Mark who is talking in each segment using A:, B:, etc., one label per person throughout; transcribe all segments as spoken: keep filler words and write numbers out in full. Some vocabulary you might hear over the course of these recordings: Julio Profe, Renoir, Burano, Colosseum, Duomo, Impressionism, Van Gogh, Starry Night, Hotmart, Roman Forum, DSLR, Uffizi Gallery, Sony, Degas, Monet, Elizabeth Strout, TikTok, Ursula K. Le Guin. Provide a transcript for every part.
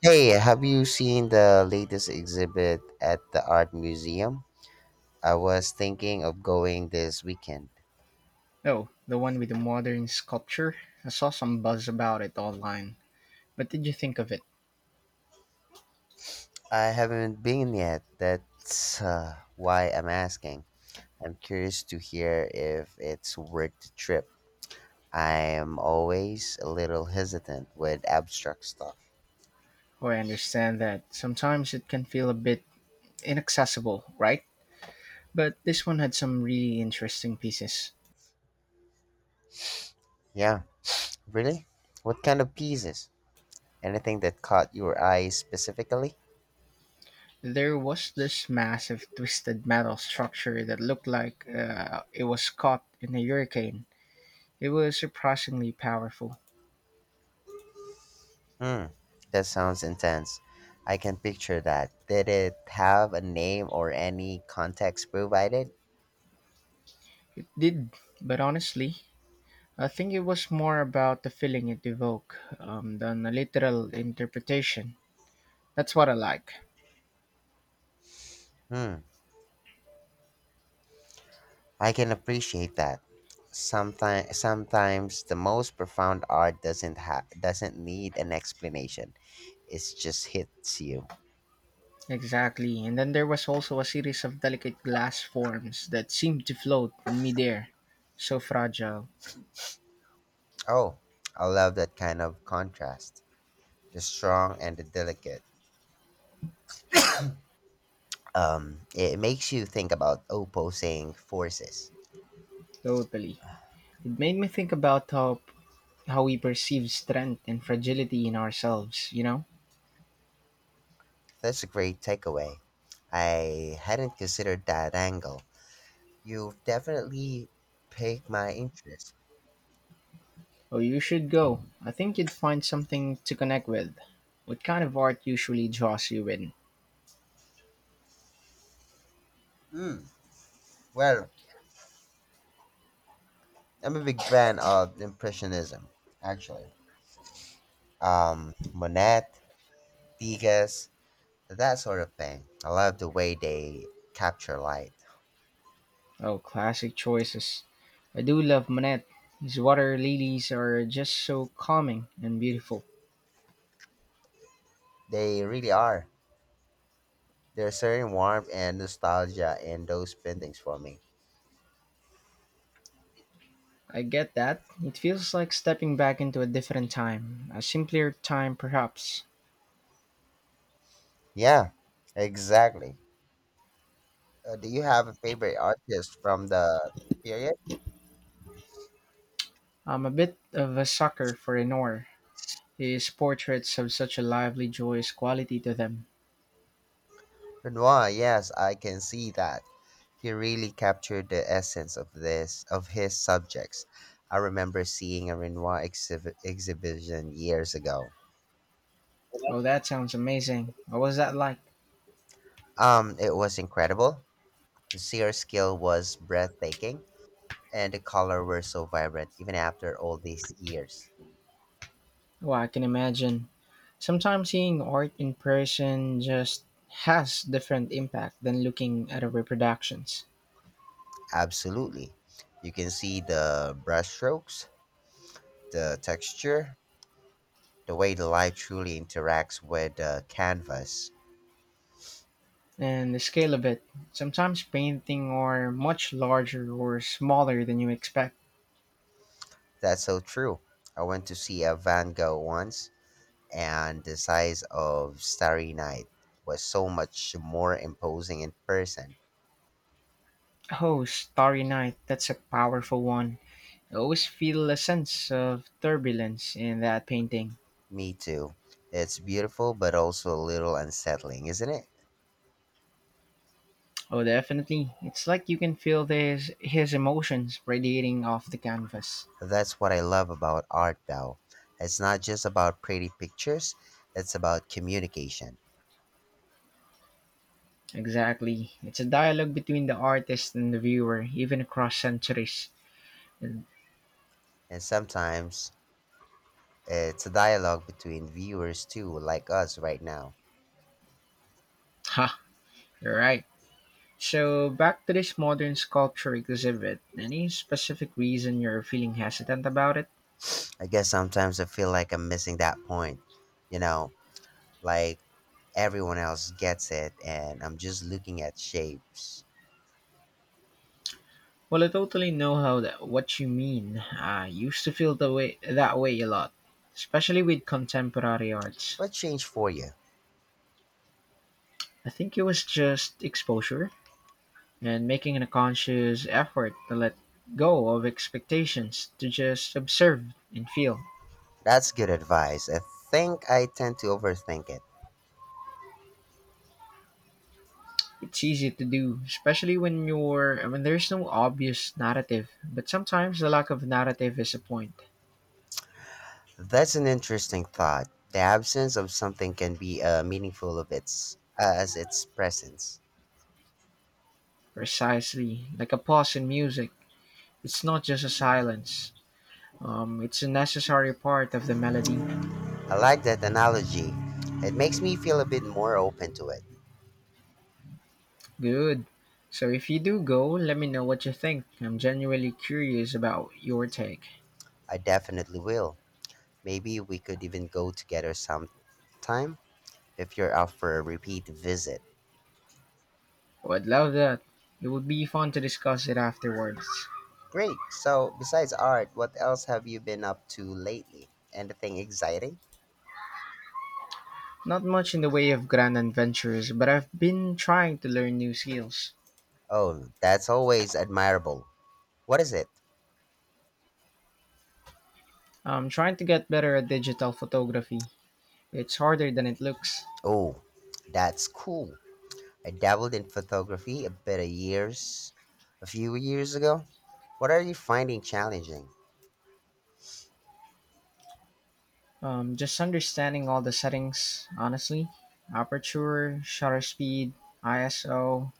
A: Hey, have you seen the latest exhibit at the art museum? I was thinking of going this weekend.
B: Oh, the one with the modern sculpture? I saw some buzz about it online. What did you think of it?
A: I haven't been yet. That's uh, why I'm asking. I'm curious to hear if it's worth the trip. I'm always a little hesitant with abstract stuff.
B: Oh, I understand that sometimes it can feel a bit inaccessible, right? But this one had some really interesting pieces.
A: Yeah, really? What kind of pieces? Anything that caught your eye specifically?
B: There was this massive twisted metal structure that looked like uh, it was caught in a hurricane. It was surprisingly powerful.
A: Hmm, that sounds intense. I can picture that. Did it have a name or any context provided?
B: It did, but honestly, I think it was more about the feeling it evoked um, than a literal interpretation. That's what I like.
A: Hmm, I can appreciate that. Sometimes, sometimes the most profound art doesn't ha- doesn't need an explanation. It just hits you.
B: Exactly. And then there was also a series of delicate glass forms that seemed to float in midair. So fragile.
A: Oh, I love that kind of contrast. The strong and the delicate. Um, it makes you think about opposing forces.
B: Totally. It made me think about how how we perceive strength and fragility in ourselves, you know?
A: That's a great takeaway. I hadn't considered that angle. You've definitely piqued my interest.
B: Oh, you should go. I think you'd find something to connect with. What kind of art usually draws you in?
A: Hmm. Well, I'm a big fan of Impressionism, actually. Um, Monet, Degas, that sort of thing. I love the way they capture light.
B: Oh, classic choices. I do love Monet. His water lilies are just so calming and beautiful.
A: They really are. There's certain warmth and nostalgia in those paintings for me.
B: I get that. It feels like stepping back into a different time, a simpler time perhaps.
A: Yeah, exactly. Uh, do you have a favorite artist from the period?
B: I'm a bit of a sucker for Renoir. His portraits have such a lively, joyous quality to them.
A: Renoir, yes, I can see that. He really captured the essence of this of his subjects. I remember seeing a Renoir exhibit, exhibition years ago.
B: Oh, that sounds amazing. What was that like?
A: Um, it was incredible. The sheer skill was breathtaking, and the color were so vibrant even after all these years.
B: Oh, I can imagine. Sometimes seeing art in person just has different impact than looking at a reproductions.
A: Absolutely, you can see the brushstrokes, the texture, the way the light truly interacts with the canvas.
B: And the scale of it. Sometimes painting are much larger or smaller than you expect.
A: That's so true. I went to see a Van Gogh once, and the size of Starry Night was so much more imposing in person.
B: Oh, Starry Night, that's a powerful one. I always feel a sense of turbulence in that painting.
A: Me too. It's beautiful, but also a little unsettling, isn't it?
B: Oh, definitely. It's like you can feel this, his emotions radiating off the canvas.
A: That's what I love about art, though. It's not just about pretty pictures, it's about communication.
B: Exactly. It's a dialogue between the artist and the viewer, even across centuries. And,
A: And sometimes it's a dialogue between viewers, too, like us right now.
B: ha, you're right. So, back to this modern sculpture exhibit. Any specific reason you're feeling hesitant about it?
A: I guess sometimes I feel like I'm missing that point you know, like everyone else gets it and I'm just looking at shapes.
B: Well, I totally know how that what you mean. I used to feel the way that way a lot, especially with contemporary arts.
A: What changed for you?
B: I think it was just exposure and making a conscious effort to let go of expectations to just observe and feel.
A: That's good advice. I think I tend to overthink it.
B: It's easy to do, especially when you're when there's no obvious narrative, but sometimes the lack of narrative is a point.
A: That's an interesting thought. The absence of something can be uh, meaningful of its uh, as its presence.
B: Precisely, like a pause in music. It's not just a silence. Um, it's a necessary part of the melody.
A: I like that analogy. It makes me feel a bit more open to it.
B: Good. So if you do go, let me know what you think. I'm genuinely curious about your take.
A: I definitely will. Maybe we could even go together sometime if you're up for a repeat visit.
B: Would love that. It would be fun to discuss it afterwards.
A: Great. So, besides art, what else have you been up to lately? Anything exciting?
B: Not much in the way of grand adventures, but I've been trying to learn new skills.
A: Oh, that's always admirable. What is it?
B: I'm trying to get better at digital photography. It's harder than it looks.
A: Oh, that's cool. I dabbled in photography a bit of years, a few years ago. What are you finding challenging?
B: Um, just understanding all the settings, honestly. Aperture, shutter speed, I S O.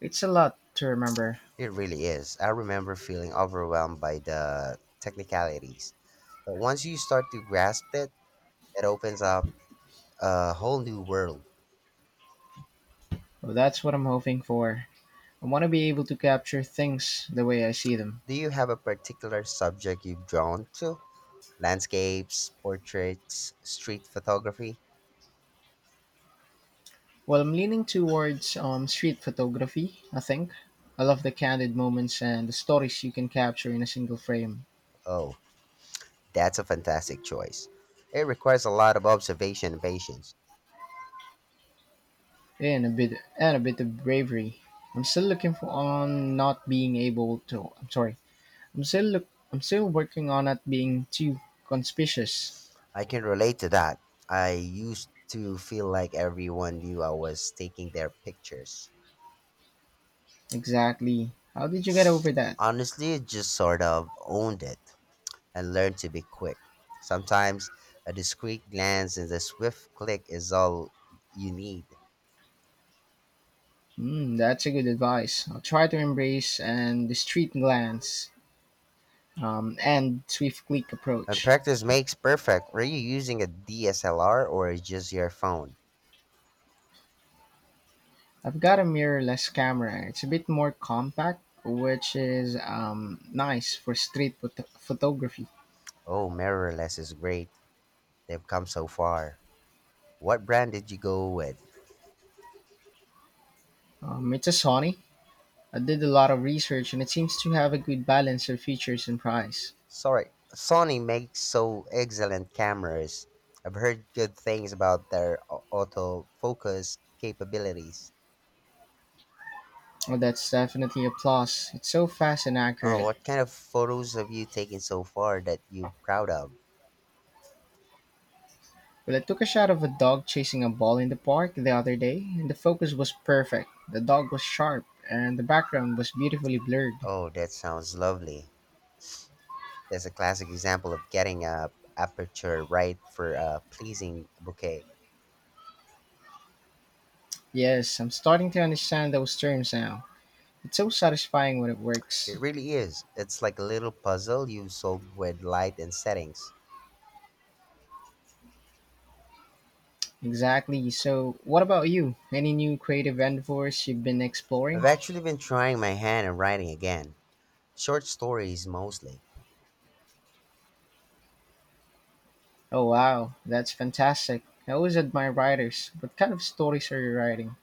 B: It's a lot to remember.
A: It really is. I remember feeling overwhelmed by the technicalities. But once you start to grasp it, it opens up a whole new world.
B: Well, that's what I'm hoping for. I want to be able to capture things the way I see them.
A: Do you have a particular subject you've drawn to? Landscapes, portraits, street photography.
B: Well, I'm leaning towards um, street photography, I think. I love the candid moments and the stories you can capture in a single frame,
A: Oh, that's a fantastic choice. It requires a lot of observation and patience.
B: and a bit and a bit of bravery. I'm still looking for on not being able to. I'm sorry. I'm still look. I'm still working on not being too conspicuous.
A: I can relate to that. I used to feel like everyone knew I was taking their pictures.
B: Exactly. How did you get over that?
A: Honestly, I just sort of owned it and learned to be quick. Sometimes a discreet glance and a swift click is all you need.
B: Hmm, that's a good advice. I'll try to embrace and the street glance um, and swift click
A: And
B: approach.
A: practice makes perfect. Were you using a D S L R or just your phone?
B: I've got a mirrorless camera. It's a bit more compact, which is um, nice for street phot- photography.
A: Oh, mirrorless is great. They've come so far. What brand did you go with?
B: Um, it's a Sony. I did a lot of research and it seems to have a good balance of features and price.
A: Sorry, Sony makes so excellent cameras. I've heard good things about their au- autofocus capabilities.
B: Well, that's definitely a plus. It's so fast and
A: Oh,
B: accurate.
A: what kind of photos have you taken so far that you're proud of?
B: Well, I took a shot of a dog chasing a ball in the park the other day, and the focus was perfect. The dog was sharp, and the background was beautifully blurred.
A: Oh, that sounds lovely. That's a classic example of getting a aperture right for a pleasing bouquet.
B: Yes, I'm starting to understand those terms now. It's so satisfying when it works.
A: It really is. It's like a little puzzle you solve with light and settings.
B: Exactly. So, what about you? Any new creative endeavors you've been exploring?
A: I've actually been trying my hand at writing again. Short stories mostly.
B: Oh, wow. That's fantastic. I always admire writers. What kind of stories are you writing?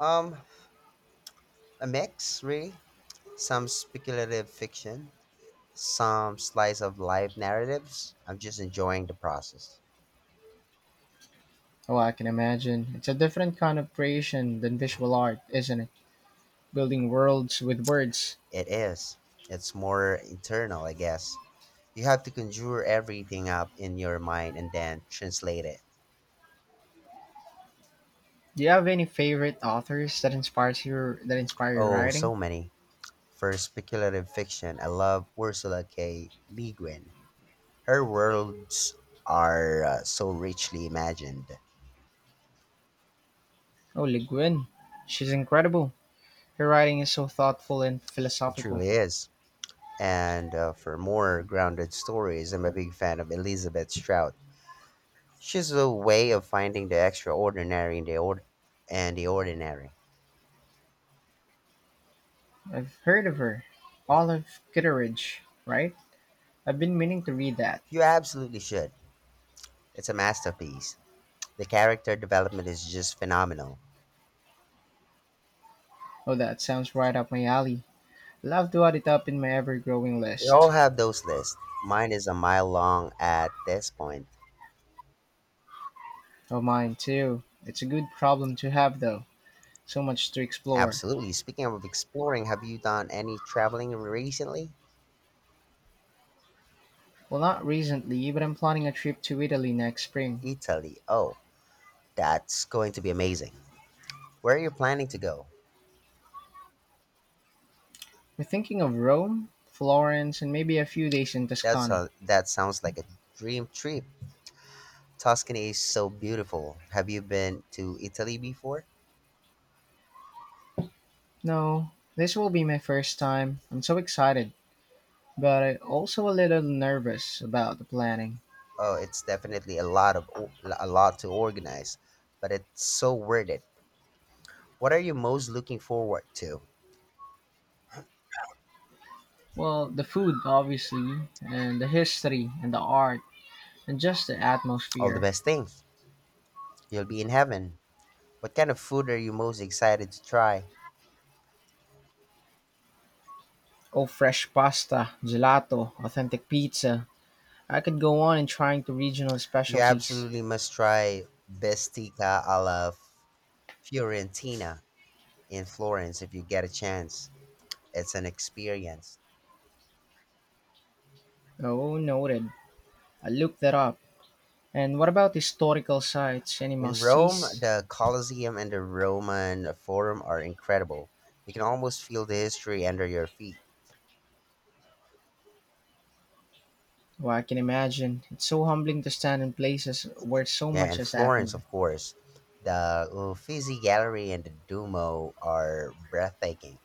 A: Um, a mix, really. Some speculative fiction, some slice of life narratives. I'm just enjoying the process.
B: Oh, I can imagine. It's a different kind of creation than visual art, isn't it? Building worlds with words.
A: It is. It's more internal, I guess. You have to conjure everything up in your mind and then translate it.
B: Do you have any favorite authors that inspires your that inspire your
A: Oh,
B: writing?
A: so many. For speculative fiction, I love Ursula K. Le Guin. Her worlds are uh, so richly imagined.
B: Oh, Le Guin. She's incredible. Her writing is so thoughtful and
A: It
B: philosophical.
A: truly is. And uh, for more grounded stories, I'm a big fan of Elizabeth Strout. She's a way of finding the extraordinary in the ord- and the ordinary.
B: I've heard of her. Olive Kitteridge, right? I've been meaning to read that.
A: You absolutely should. It's a masterpiece. The character development is just phenomenal.
B: Oh, that sounds right up my alley. Love to add it up in my ever growing
A: We
B: list.
A: all have those lists. Mine is a mile long at this point.
B: Oh, mine too. It's a good problem to have, though. So much to explore.
A: Absolutely. Speaking of exploring, have you done any traveling recently?
B: Well, not recently, but I'm planning a trip to Italy next spring.
A: Italy. Oh, that's going to be amazing. Where are you planning to go?
B: We're thinking of Rome, Florence, and maybe a few days in
A: That's
B: Tuscany.
A: a, that sounds like a dream trip. Tuscany is so beautiful. Have you been to Italy before?
B: No, this will be my first time. I'm so excited, but I also a little nervous about the planning.
A: Oh, it's definitely a lot of a lot to organize, but it's so worth it. What are you most looking forward to?
B: Well, the food, obviously, and the history, and the art, and just the
A: All the
B: atmosphere.
A: best things. You'll be in heaven. What kind of food are you most excited to try?
B: Oh, fresh pasta, gelato, authentic pizza. I could go on in trying to regional
A: You
B: specialties.
A: absolutely must try bestica alla Fiorentina in Florence if you get a chance. It's an experience.
B: Oh, noted. I looked that up. And what about historical sites? Any
A: In Rome,
B: must-sees?
A: the Colosseum and the Roman Forum are incredible. You can almost feel the history under your feet.
B: Well, I can imagine. It's so humbling to stand in places where so
A: Yeah,
B: much
A: and
B: has
A: Florence,
B: happened.
A: of course. The Uffizi Gallery and the Duomo are breathtaking.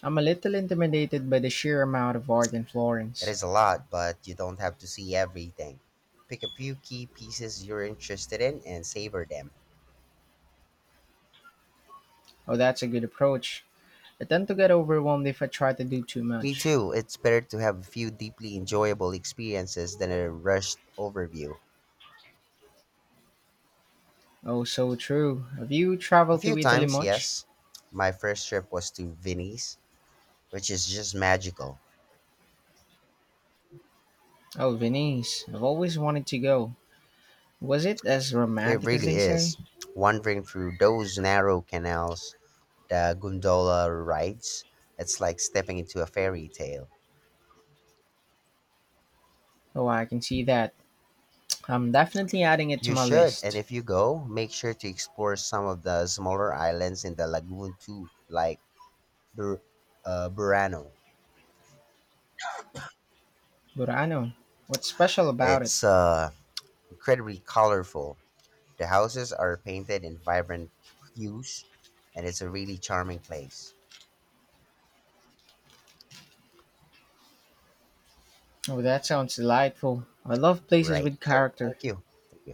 B: I'm a little intimidated by the sheer amount of art in
A: It
B: Florence.
A: is a lot, but you don't have to see everything. Pick a few key pieces you're interested in and savor them.
B: Oh, that's a good approach. I tend to get overwhelmed if I try to do too
A: Me
B: much.
A: too. It's better to have a few deeply enjoyable experiences than a rushed overview.
B: Oh, so true. Have you
A: A
B: traveled
A: few
B: to Italy
A: times,
B: much?
A: yes. My first trip was to Venice, which is just magical.
B: Oh, Venice. I've always wanted to go. Was it as
A: It
B: romantic as
A: really
B: they say?
A: is. Wandering through those narrow canals, the gondola rides, it's like stepping into a fairy tale.
B: Oh, I can see that. I'm definitely adding it to
A: You
B: my
A: should, and
B: list.
A: if you go, make sure to explore some of the smaller islands in the lagoon too, like Bur- uh, Burano.
B: Burano. What's special about it?
A: It's uh, incredibly colorful. The houses are painted in vibrant hues, and it's a really charming place.
B: Oh, that sounds delightful. I love places
A: Right.
B: with
A: So
B: character.
A: thank you. Thank you.